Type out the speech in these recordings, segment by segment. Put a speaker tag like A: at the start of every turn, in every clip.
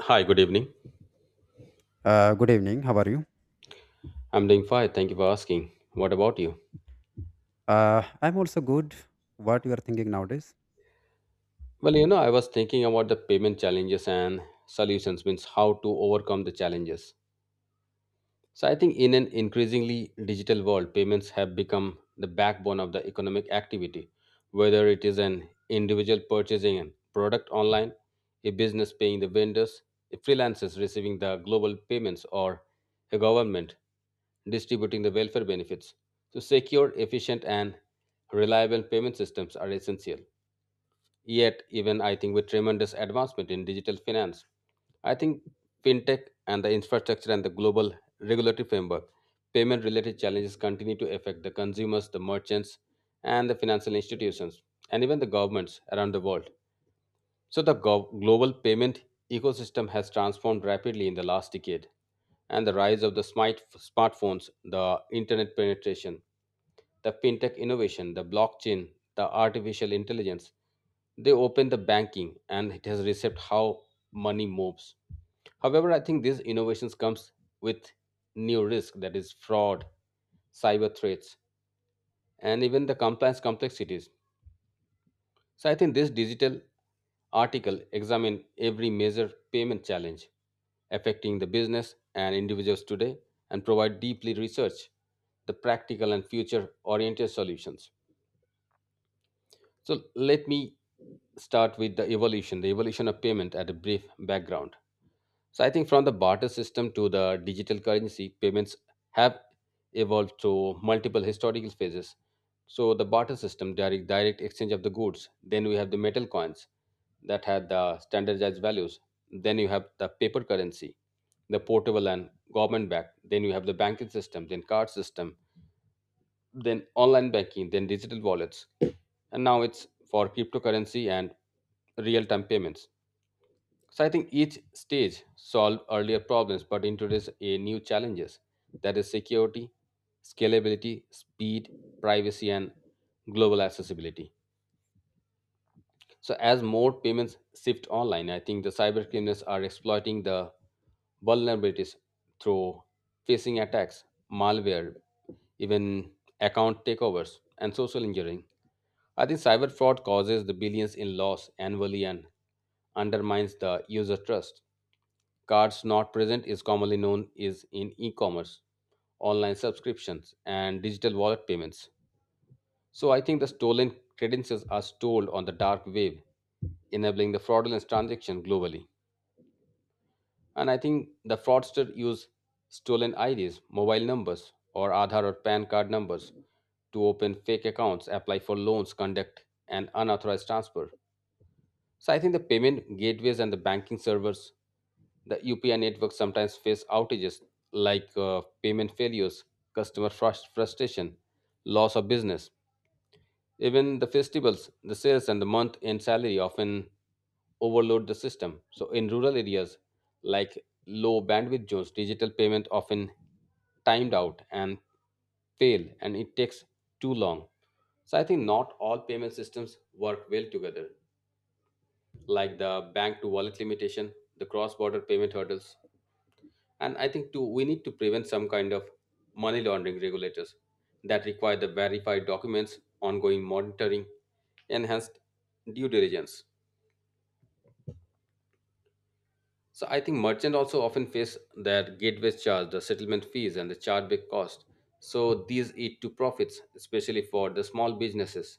A: Hi, good evening.
B: Good evening. How are you?
A: I'm doing fine. Thank you for asking. What about you?
B: I'm also good. What you are thinking nowadays?
A: I was thinking about the payment challenges and solutions, means how to overcome the challenges. So I think in an increasingly digital world, payments have become the backbone of the economic activity, whether it is an individual purchasing a product online, a business paying the vendors, a freelancers receiving the global payments, or a government distributing the welfare benefits. So secure, efficient, and reliable payment systems are essential. Yet, even I think with tremendous advancement in digital finance, I think fintech and the infrastructure and the global regulatory framework, payment related challenges continue to affect the consumers, the merchants, and the financial institutions, and even the governments around the world. So, global payment ecosystem has transformed rapidly in the last decade, and the rise of the smartphones, the internet penetration, the fintech innovation, the blockchain, the artificial intelligence. They open the banking and it has reshaped how money moves. However, I think these innovations comes with new risk that is fraud, cyber threats, and even the compliance complexities. So I think this digital article examine every major payment challenge affecting the business and individuals today and provide deeply research the practical and future oriented solutions. So let me start with the evolution of payment at a brief background. So I think from the barter system to the digital currency, payments have evolved through multiple historical phases. So the barter system, direct exchange of the goods. Then we have the metal coins that had the standardized values. Then you have the paper currency, the portable and government backed. Then you have the banking system, then card system, then online banking, then digital wallets, and now it's for cryptocurrency and real-time payments. So I think each stage solved earlier problems but introduced a new challenges that is security, scalability, speed, privacy, and global accessibility. So as more payments shift online, I think the cyber criminals are exploiting the vulnerabilities through phishing attacks, malware, even account takeovers, and social engineering. I think cyber fraud causes the billions in loss annually and undermines the user trust. Cards not present is commonly known is in e-commerce, online subscriptions, and digital wallet payments. So I think the stolen credentials are stored on the dark web, enabling the fraudulent transaction globally. And I think the fraudster use stolen IDs, mobile numbers, or Aadhaar or PAN card numbers to open fake accounts, apply for loans, conduct an unauthorized transfer. So I think the payment gateways and the banking servers, the UPI network sometimes face outages like payment failures, frustration, loss of business. Even the festivals, the sales, and the month end salary often overload the system. So in rural areas like low bandwidth zones, digital payment often timed out and fail and it takes too long. So I think not all payment systems work well together like the bank to wallet limitation, the cross border payment hurdles. And I think too, we need to prevent some kind of money laundering regulators that require the verified documents, ongoing monitoring, enhanced due diligence. So I think merchants also often face their gateway charge, the settlement fees, and the chargeback cost. So these eat to profits, especially for the small businesses.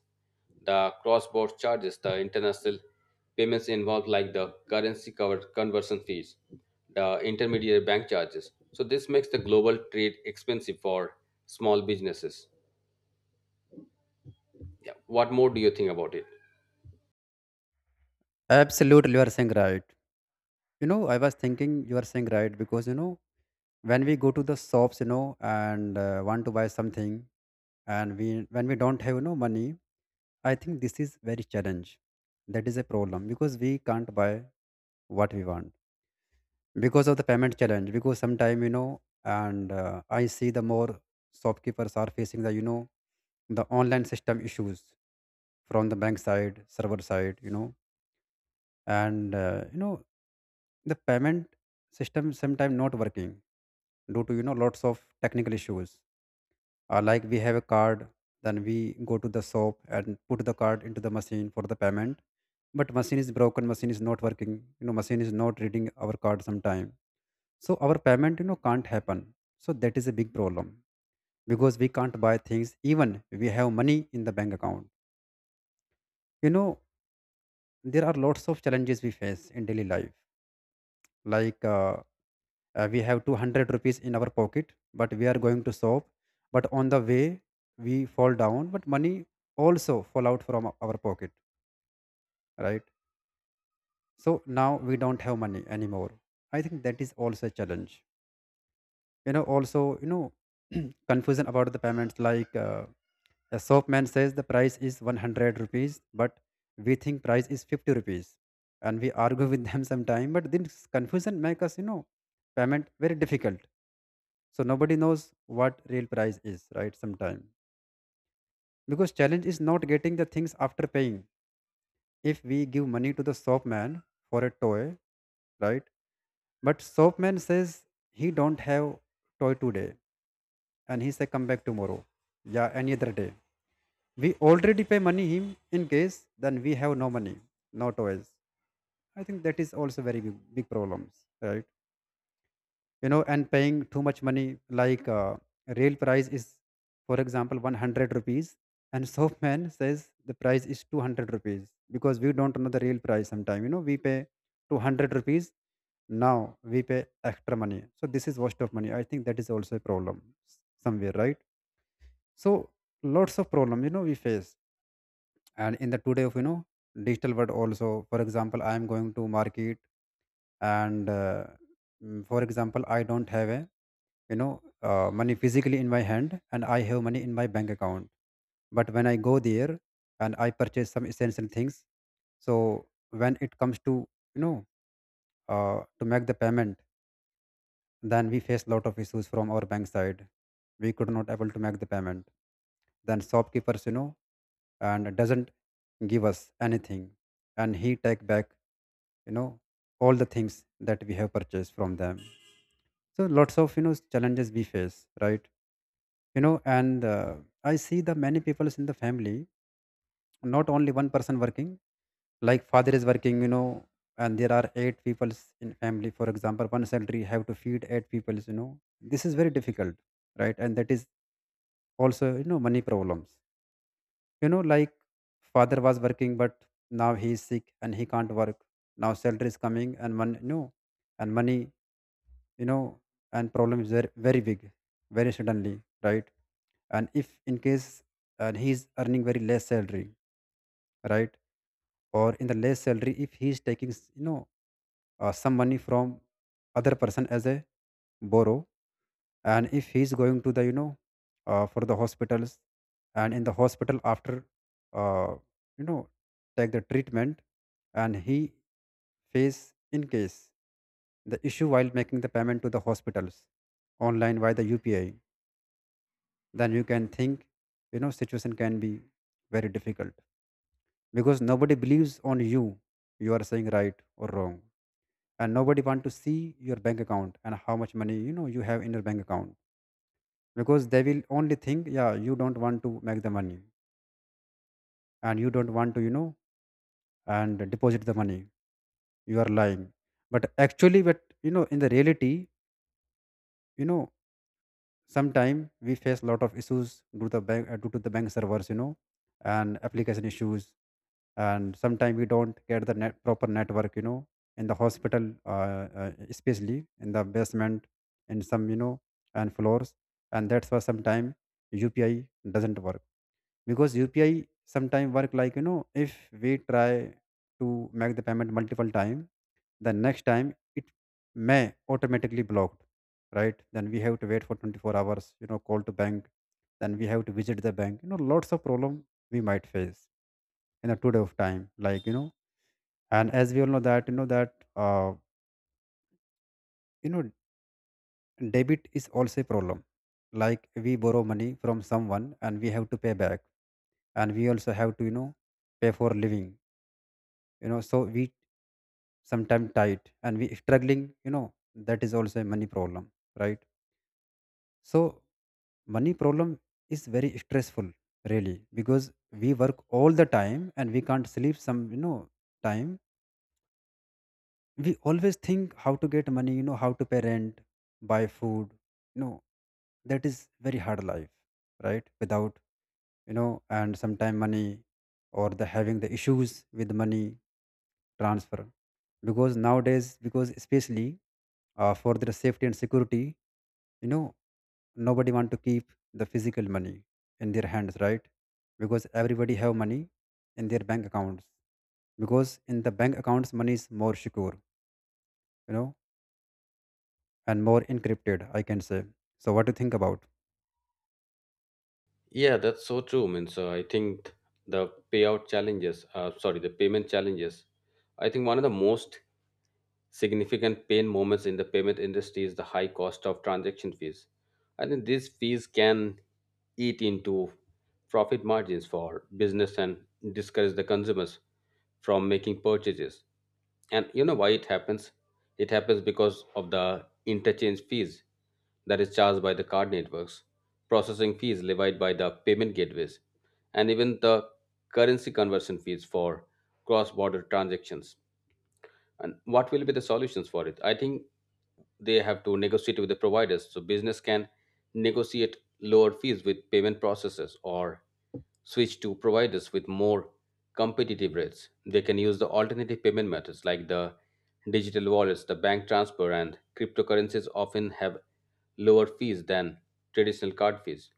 A: The cross-border charges, the international payments involved, like the currency cover conversion fees, the intermediary bank charges. So this makes the global trade expensive for small businesses. Yeah. What more do you think about it?
B: Absolutely, you are saying right. You know, I was thinking you are saying right because you know when we go to the shops, you know, and want to buy something, and we when we don't have money, I think this is very challenge. That is a problem because we can't buy what we want because of the payment challenge. Because sometime you know, and I see the more shopkeepers are facing the you know the online system issues from the bank side, server side, you know and you know the payment system sometimes not working due to lots of technical issues. Like we have a card, then we go to the shop and put the card into the machine for the payment, but machine is broken, machine is not working, you know, machine is not reading our card sometime, so our payment can't happen. So that is a big problem because we can't buy things even we have money in the bank account, you know. There are lots of challenges we face in daily life, like uh, we have 200 rupees in our pocket but we are going to shop, but on the way we fall down but money also fall out from our pocket, right? So now we don't have money anymore. I think that is also a challenge. You know, confusion about the payments, a shopman says the price is 100 rupees, but we think price is 50 rupees. And we argue with them sometime, but this confusion make us, you know, payment very difficult. So nobody knows what real price is, right? Sometime. Because challenge is not getting the things after paying. If we give money to the shopman for a toy, right? But shopman says he don't have toy today and he say come back tomorrow. Yeah, any other day. We already pay money him, in case then we have no money, no toys. I think that is also very big, big problems, right? You know, and paying too much money, real price is, for example, 100 rupees, and soapman says the price is 200 rupees because we don't know the real price sometime. You know, we pay 200 rupees, now we pay extra money, so this is waste of money. I think that is also a problem somewhere, right? So lots of problem, you know, we face. And in the today of, you know, digital world also, for example, I am going to market, and uh, for example, I don't have a, you know money physically in my hand, and I have money in my bank account. But when I go there and I purchase some essential things, so when it comes to, you know to make the payment, then we faced a lot of issues from our bank side. We could not able to make the payment. Then shopkeepers, you know, and doesn't give us anything, and he take back, you know, all the things that we have purchased from them. So lots of, you know, challenges we face, right? You know, and I see the many people in the family, not only one person working, like father is working, you know, and there are eight peoples in family. For example, one salary have to feed eight peoples, you know, this is very difficult, right? And that is also, you know, money problems, you know, like father was working, but now he is sick and he can't work. Now salary is coming and money, you know, and money, you know, and problem is very, very big very suddenly, right? And if in case, and he is earning very less salary, right? Or in the less salary, if he is taking some money from other person as a borrow, and if he is going to the, for the hospitals, and in the hospital after uh, you know take the treatment, and he face in case the issue while making the payment to the hospitals online via the UPI, then you can think, you know, situation can be very difficult because nobody believes on you. You are saying right or wrong. And nobody want to see your bank account and how much money, you know, you have in your bank account, because they will only think, yeah, you don't want to make the money, and you don't want to, you know, and deposit the money, you are lying. But actually, but, you know, in the reality, you know, sometimes we face a lot of issues due to the bank, due to the bank servers, you know, and application issues. And sometimes we don't get the net, proper network, you know, in the hospital, especially in the basement, in some, you know, and floors, and that's why sometimes UPI doesn't work, because UPI sometimes work like, you know, if we try to make the payment multiple time, the next time it may automatically blocked, right? Then we have to wait for 24 hours, you know, call to bank, then we have to visit the bank, you know, lots of problem we might face in a 2 day of time, like, you know. And as we all know that, you know, debit is also a problem. Like, we borrow money from someone and we have to pay back, and we also have to, you know, pay for living, you know. So we sometimes tight and we struggling, you know, that is also a money problem, right? So money problem is very stressful, really, because we work all the time and we can't sleep some, you know, time. We always think how to get money, you know, how to pay rent, buy food, you know. That is very hard life, right? Without, you know, and sometime money, or the having the issues with money transfer, because nowadays, because especially for their safety and security, you know, nobody want to keep the physical money in their hands, right? Because everybody have money in their bank accounts, because in the bank accounts money is more secure, you know, and more encrypted, I can say. So what do you think about?
A: Yeah, that's so true. Means I think the payment challenges. I think one of the most significant pain moments in the payment industry is the high cost of transaction fees. I think these fees can eat into profit margins for business and discourage the consumers from making purchases. And you know why it happens? It happens because of the interchange fees that is charged by the card networks, processing fees levied by the payment gateways, and even the currency conversion fees for cross border transactions. And what will be the solutions for it? I think they have to negotiate with the providers so business can negotiate lower fees with payment processors or switch to providers with more competitive rates. They can use the alternative payment methods like the digital wallets, the bank transfer and cryptocurrencies often have lower fees than traditional card fees,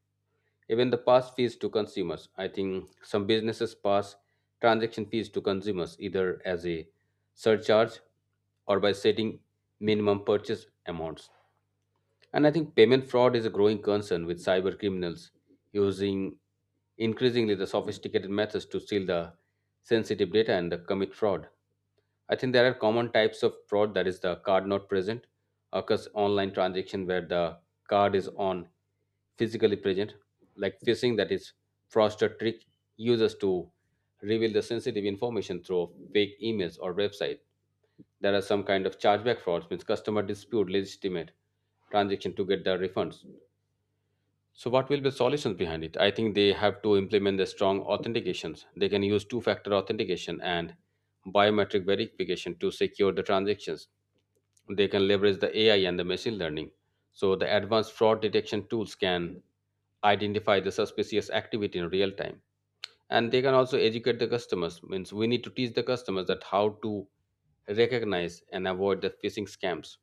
A: even the pass fees to consumers. I think some businesses pass transaction fees to consumers either as a surcharge or by setting minimum purchase amounts. And I think payment fraud is a growing concern with cyber criminals using increasingly the sophisticated methods to steal the sensitive data and commit fraud. I think there are common types of fraud that is the card not present, occurs online transaction where the card is on physically present, like phishing that is fraudster trick users to reveal the sensitive information through fake emails or website. There are some kind of chargeback frauds means customer dispute legitimate transaction to get the refunds. So, what will be the solutions behind it? I think they have to implement the strong authentications. They can use two factor authentication and biometric verification to secure the transactions. They can leverage the AI and the machine learning. So, the advanced fraud detection tools can identify the suspicious activity in real time. And they can also educate the customers. Means we need to teach the customers that how to recognize and avoid the phishing scams.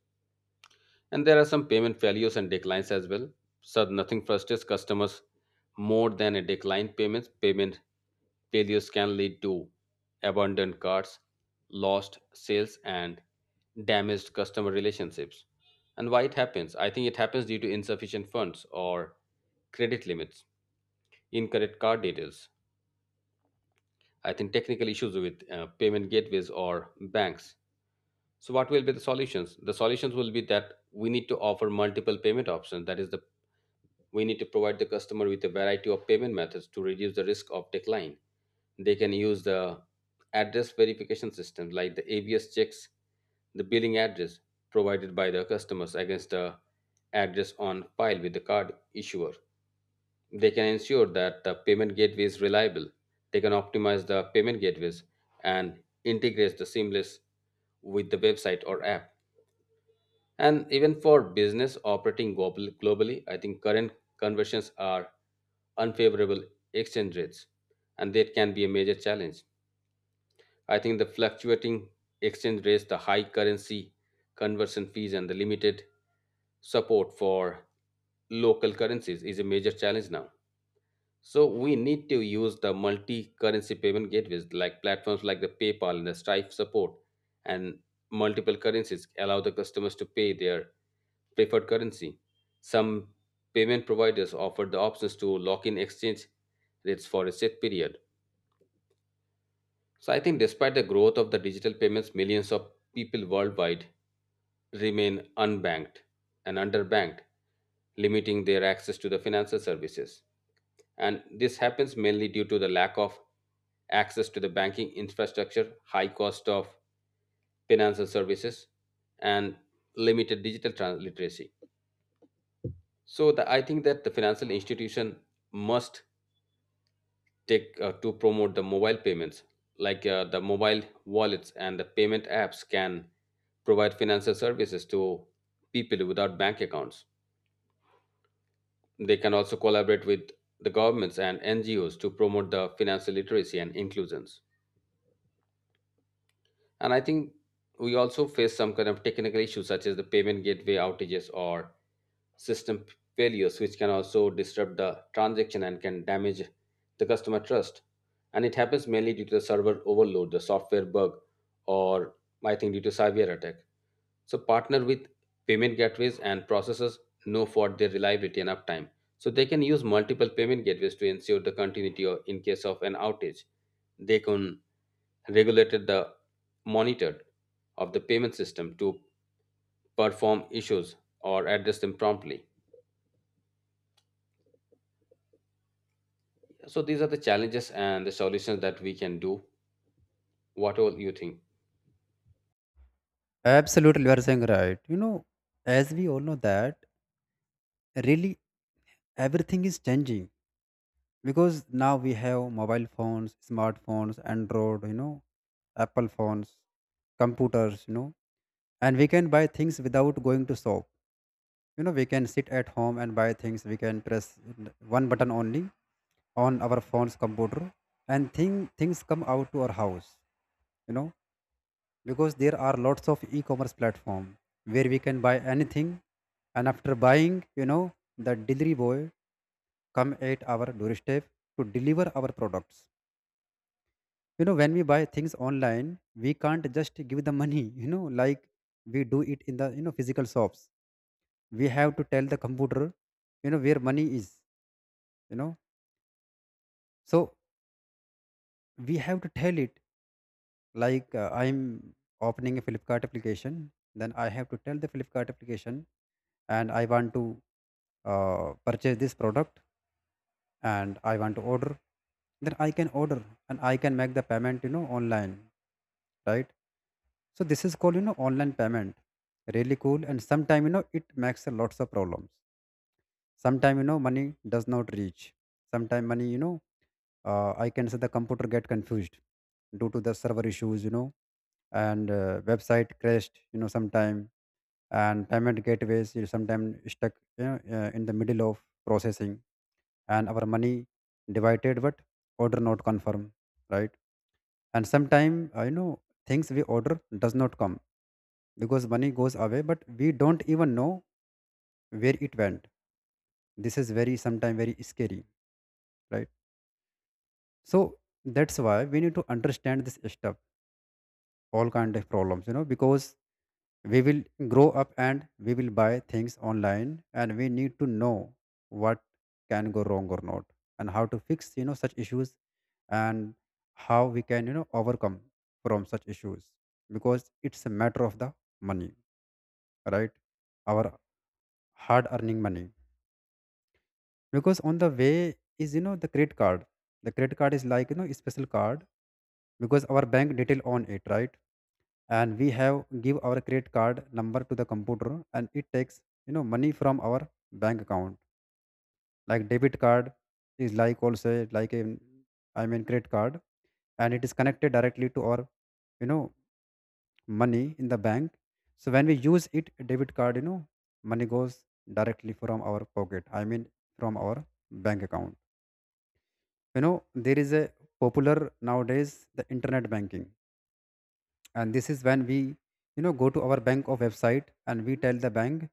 A: And there are some payment failures and declines as well. So nothing frustrates customers more than a declined payments. Payment failures can lead to abandoned carts, lost sales, and damaged customer relationships. And why it happens? I think it happens due to insufficient funds or credit limits, incorrect card details. I think technical issues with payment gateways or banks. So, what will be the solutions? The solutions will be that we need to offer multiple payment options. That is the, we need to provide the customer with a variety of payment methods to reduce the risk of decline. They can use the address verification system like the ABS checks the billing address provided by the customers against the address on file with the card issuer. They can ensure that the payment gateway is reliable. They can optimize the payment gateways and integrate the seamless with the website or app. And even for business operating globally, I think current conversions are unfavorable exchange rates, and that can be a major challenge. I think the fluctuating exchange rates, the high currency conversion fees, and the limited support for local currencies is a major challenge now. So we need to use the multi-currency payment gateways like platforms like the PayPal and the Stripe support and multiple currencies allow the customers to pay their preferred currency. Some payment providers offer the options to lock in exchange rates for a set period. So I think despite the growth of the digital payments, millions of people worldwide remain unbanked and underbanked, limiting their access to the financial services and this happens mainly due to the lack of access to the banking infrastructure, high cost of financial services, and literacy. So the, I think that the financial institution must take to promote the mobile payments, like the mobile wallets and the payment apps can provide financial services to people without bank accounts. They can also collaborate with the governments and NGOs to promote the financial literacy and inclusions. And I think we also face some kind of technical issues such as the payment gateway outages or system failures, which can also disrupt the transaction and can damage the customer trust. And it happens mainly due to the server overload, the software bug, or I think due to cyber attack. So partner with payment gateways and processors know for their reliability and uptime. So they can use multiple payment gateways to ensure the continuity or in case of an outage. They can regulated the monitored of the payment system to perform issues or address them promptly. So these are the challenges and the solutions that we can do. What all you think?
B: Absolutely, you are saying right, you know. As we all know that, really, everything is changing, because now we have mobile phones, smartphones, Android, you know, Apple phones, computers, you know, and we can buy things without going to shop. You know, we can sit at home and buy things. We can press one button only on our phone's computer, and things come out to our house, you know, because there are lots of e-commerce platform where we can buy anything. And after buying, you know, the delivery boy come at our doorstep to deliver our products. You know, when we buy things online, we can't just give the money, you know, like we do it in the, you know, physical shops. We have to tell the computer, you know, where money is, you know. So we have to tell it, I'm opening a Flipkart application. Then I have to tell the Flipkart application, and I want to purchase this product, and I want to order. Then I can order, and I can make the payment, you know, online, right? So this is called, you know, online payment. Really cool, and sometime you know it makes a lots of problems. Sometime you know money does not reach. Sometime money, you know, I can say the computer get confused due to the server issues, you know, and website crashed, you know, sometime, and payment gateways you sometime stuck, you know, in the middle of processing, and our money divided but order not confirm, right? And sometime, you know, things we order does not come, because money goes away but we don't even know where it went. This is very sometime very scary, right? So that's why we need to understand this stuff, all kind of problems, you know, because we will grow up and we will buy things online, and we need to know what can go wrong or not, and how to fix, you know, such issues, and how we can, you know, overcome from such issues, because it's a matter of the money, right? Our hard earning money. Because on the way is, you know, the credit card. The credit card is like, you know, a special card, because our bank detail on it, right? And we have give our credit card number to the computer and it takes money from our bank account. Like debit card is like also like a, I mean, credit card, and it is connected directly to our you know money in the bank. So when we use it debit card money goes directly from our pocket, I mean, from our bank account. There is a popular nowadays, the internet banking. And this is when we go to our bank of website and we tell the bank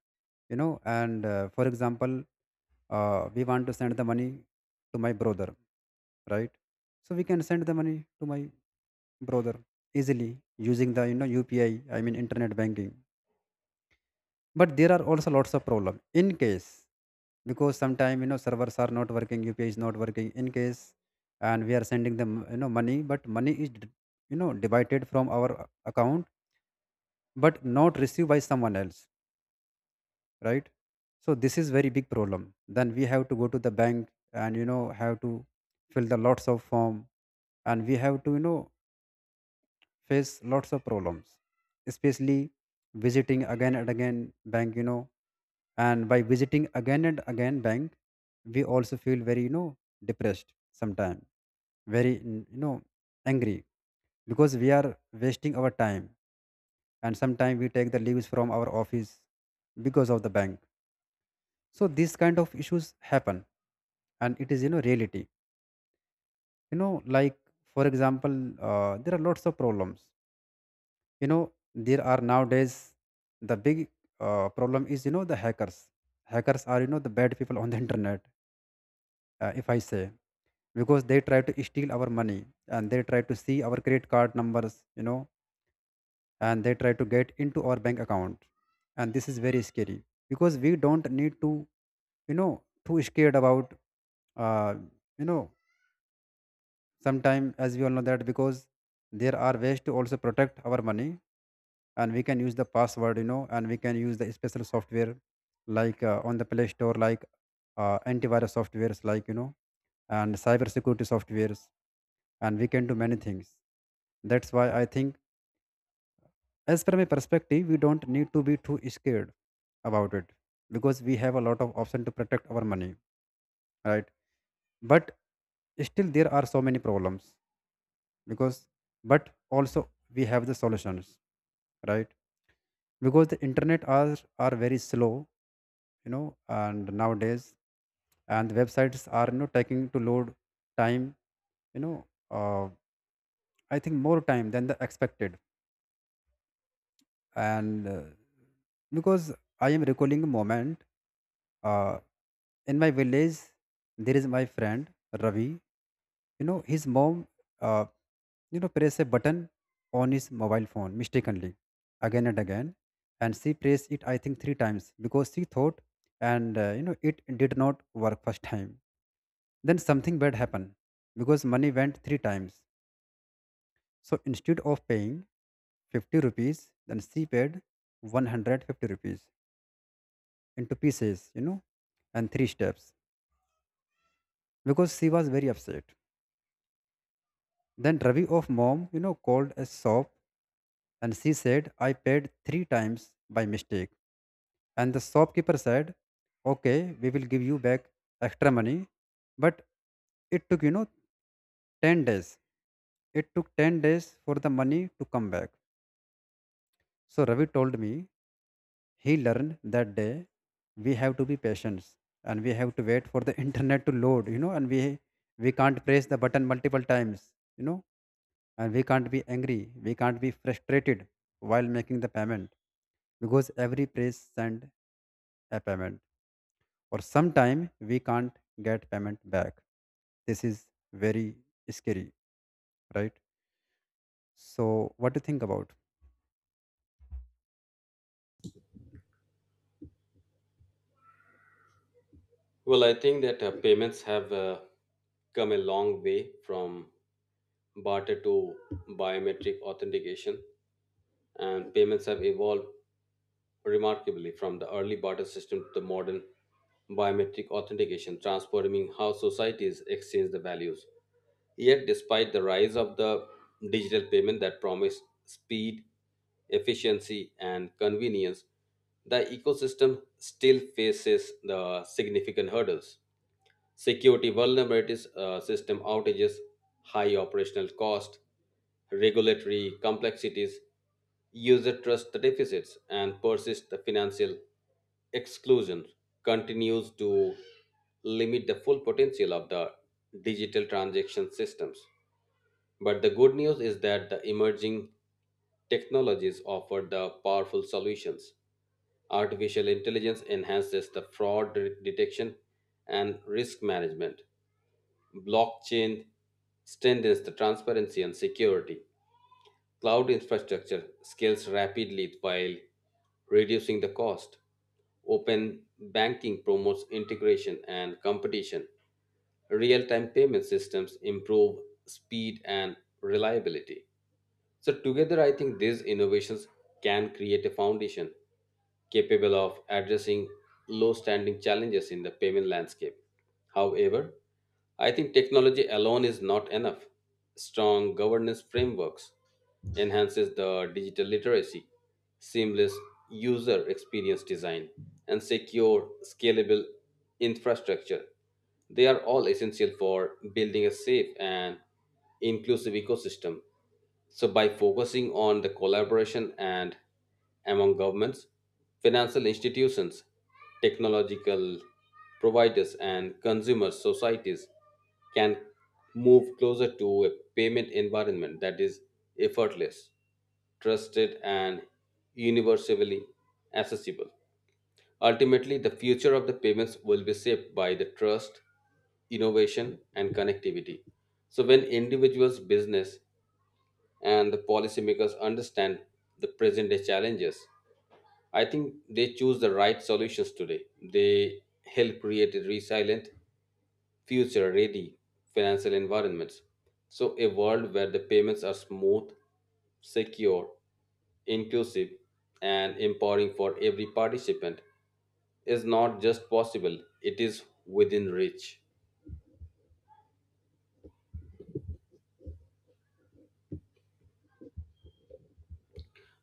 B: and, for example, we want to send the money to my brother, right? So we can send the money to my brother easily using the UPI, I mean, internet banking. But there are also lots of problem in case, because sometime servers are not working, UPI is not working in case, and we are sending them money, but money is divided from our account, but not received by someone else, right? So this is very big problem. Then we have to go to the bank and have to fill the lots of form, and we have to face lots of problems, especially visiting again and again bank, and by visiting again and again bank we also feel very depressed sometime, very angry, because we are wasting our time, and sometimes we take the leaves from our office because of the bank. So these kind of issues happen, and it is reality. Like, for example, there are lots of problems. you know there are nowadays the big, problem is the hackers. Hackers are the bad people on the internet, if I say, because they try to steal our money, and they try to see our credit card numbers, and they try to get into our bank account. And this is very scary, because we don't need to you know too scared about, uh, you know sometime, as we all know that, because there are ways to also protect our money. And we can use the password, and we can use the special software, like, on the Play Store, like, antivirus softwares, like, and cyber security softwares, and we can do many things. That's why I think, as from a perspective, we don't need to be too scared about it, because we have a lot of option to protect our money, right? But still there are so many problems because, but also we have the solutions, right? Because the internet are very slow, and nowadays, and websites are taking to load time, you know uh, I think more time than the expected. And, because I am recalling a moment, uh, in my village there is my friend Ravi. His mom, uh, press a button on his mobile phone mistakenly again and again. And she pressed it, I think, three times because she thought, and, it did not work first time. Then something bad happened because money went three times. So instead of paying 50 rupees, then she paid 150 rupees into pieces, and three steps, because she was very upset. Then Ravi of mom, called a shop, and she said, I paid three times by mistake. And the shopkeeper said, okay, we will give you back extra money. But it took, 10 days. It took 10 days for the money to come back. So Ravi told me he learned that day we have to be patient, and we have to wait for the internet to load, and we can't press the button multiple times, and we can't be angry, we can't be frustrated while making the payment, because every press send a payment, or sometime we can't get payment back. This is very scary, right? So what do you think about?
A: Well, I think that payments have come a long way from barter to biometric authentication, and payments have evolved remarkably from the early barter system to the modern biometric authentication, transforming how societies exchange the values. Yet, despite the rise of the digital payment that promised speed, efficiency, and convenience, the ecosystem still faces the significant hurdles security vulnerabilities, system outages, high operational cost, regulatory complexities, user trust deficits, and persist the financial exclusion continues to limit the full potential of the digital transaction systems. But the good news is that the emerging technologies offer the powerful solutions. Artificial intelligence enhances the detection and risk management. Blockchain strengthens the transparency and security. Cloud infrastructure scales rapidly while reducing the cost. Open banking promotes integration and competition. Real time payment systems improve speed and reliability. So, together, I think these innovations can create a foundation capable of addressing low standing challenges in the payment landscape. However, I think technology alone is not enough. Strong governance frameworks enhances the digital literacy, seamless user experience design, and secure, scalable infrastructure. They are all essential for building a safe and inclusive ecosystem. So, by focusing on the collaboration and among governments, financial institutions, technological providers, and consumer societies can move closer to a payment environment that is effortless, trusted, and universally accessible. Ultimately, the future of the payments will be shaped by the trust, innovation, and connectivity. So, when individuals, business, and the policymakers understand the present day challenges, I think they choose the right solutions today. They help create a resilient, future ready financial environments. So, a world where the payments are smooth, secure, inclusive, and empowering for every participant is not just possible, it is within reach.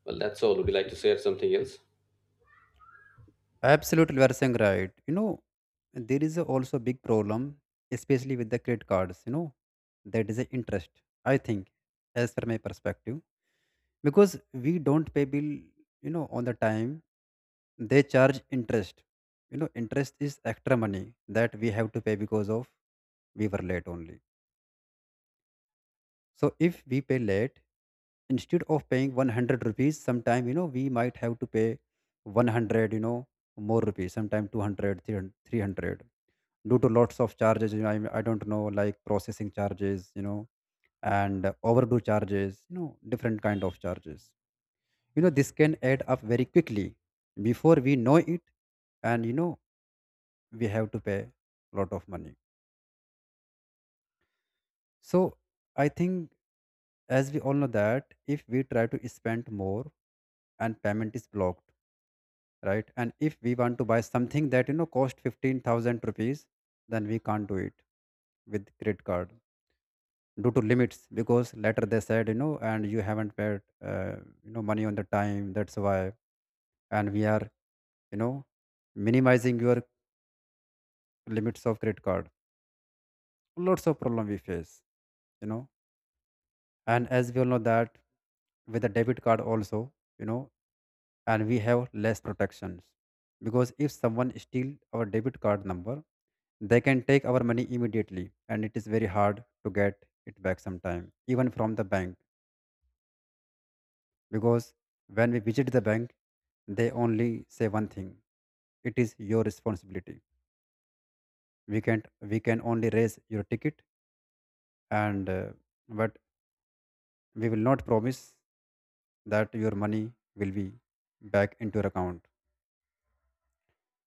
A: Well, that's all. Would you like to share something else?
B: Absolutely, you are saying right, there is a also a big problem, especially with the credit cards, that is the interest. I think, as per my perspective, because we don't pay bill on the time, they charge interest. Interest is extra money that we have to pay because of we were late only. So if we pay late, instead of paying 100 rupees, sometime, we might have to pay 100, more rupees, sometime 200, due to lots of charges. I don't know, like processing charges, and overdue charges, different kind of charges. This can add up very quickly before we know it. And, we have to pay a lot of money. So I think, as we all know, that if we try to spend more and payment is blocked, right? And if we want to buy something that cost 15,000 rupees, then we can't do it with credit card due to limits, because later they said, and you haven't paid, money on the time, that's why. And we are you know minimizing your limits of credit card. Lots of problem we face, you know and as we all know that with a debit card also, you know and we have less protections, because if someone steal our debit card number, they can take our money immediately, and it is very hard to get it back sometime, even from the bank. Because when we visit the bank, they only say one thing: it is your responsibility. We can't we can only raise your ticket, and, but we will not promise that your money will be back into your account.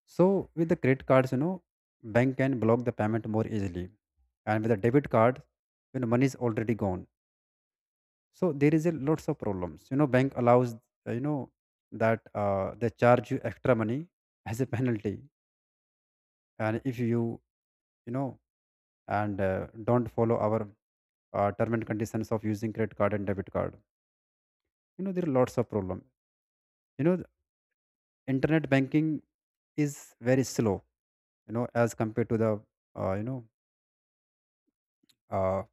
B: So with the credit cards, bank can block the payment more easily, and with a debit card, money is already gone. So there is a lots of problems. Bank allows, uh, you know that, they charge you extra money as a penalty, and if you, you know and, don't follow our, term and conditions of using credit card and debit card, there are lots of problems. The internet banking is very slow. As compared to the, uh, you know. Uh,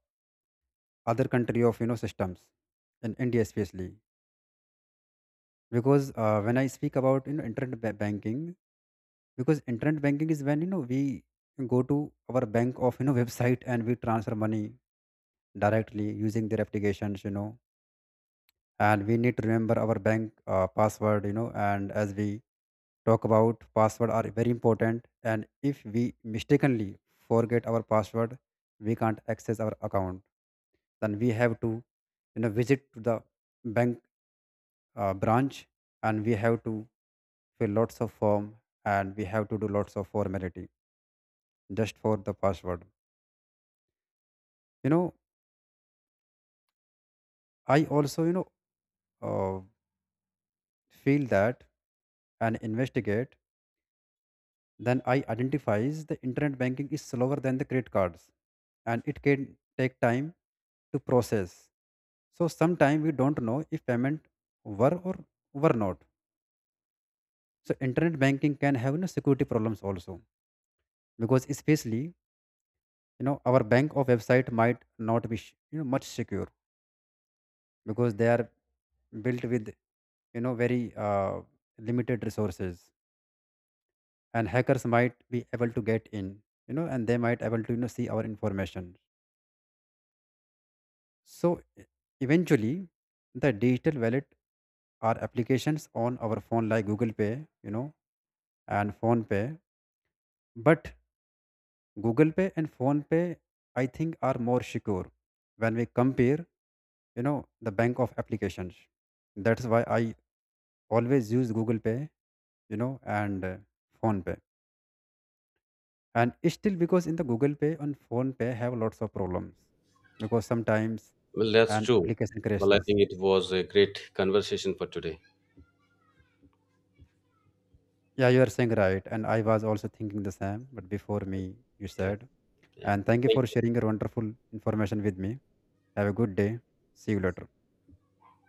B: other country of systems in India, especially. Because, when I speak about, internet banking, because internet banking is when we go to our bank of website, and we transfer money directly using their applications, and we need to remember our bank, password, and as we talk about password are very important. And if we mistakenly forget our password, we can't access our account. Then we have to visit to the bank, branch, and we have to fill lots of form, and we have to do lots of formality just for the password you know I also, uh, feel that and investigate, then I identifies the internet banking is slower than the credit cards, and it can take time to process. So sometimes we don't know if payment were or were not. So internet banking can have, security problems also, because especially, our bank of website might not be much secure, because they are built with, very, limited resources, and hackers might be able to get in, and they might able to see our information. So, e- eventually the digital wallet are applications on our phone, like Google Pay, you know and Phone Pay. But Google Pay and Phone Pay I think are more secure when we compare, you know the bank of applications. That's why I always use Google Pay, and, Phone Pay, and still because in the Google Pay and Phone Pay have lots of problems because sometimes
A: Well, that's
B: an
A: true.
B: application
A: Well, I
B: crashes.
A: think it was a great conversation for today.
B: Yeah, you are saying right, and I was also thinking the same, but before me you
A: Yeah.
B: said,
A: Yeah.
B: and thank you
A: Thank
B: for
A: you.
B: sharing your wonderful information with me. Have a good day. See you later.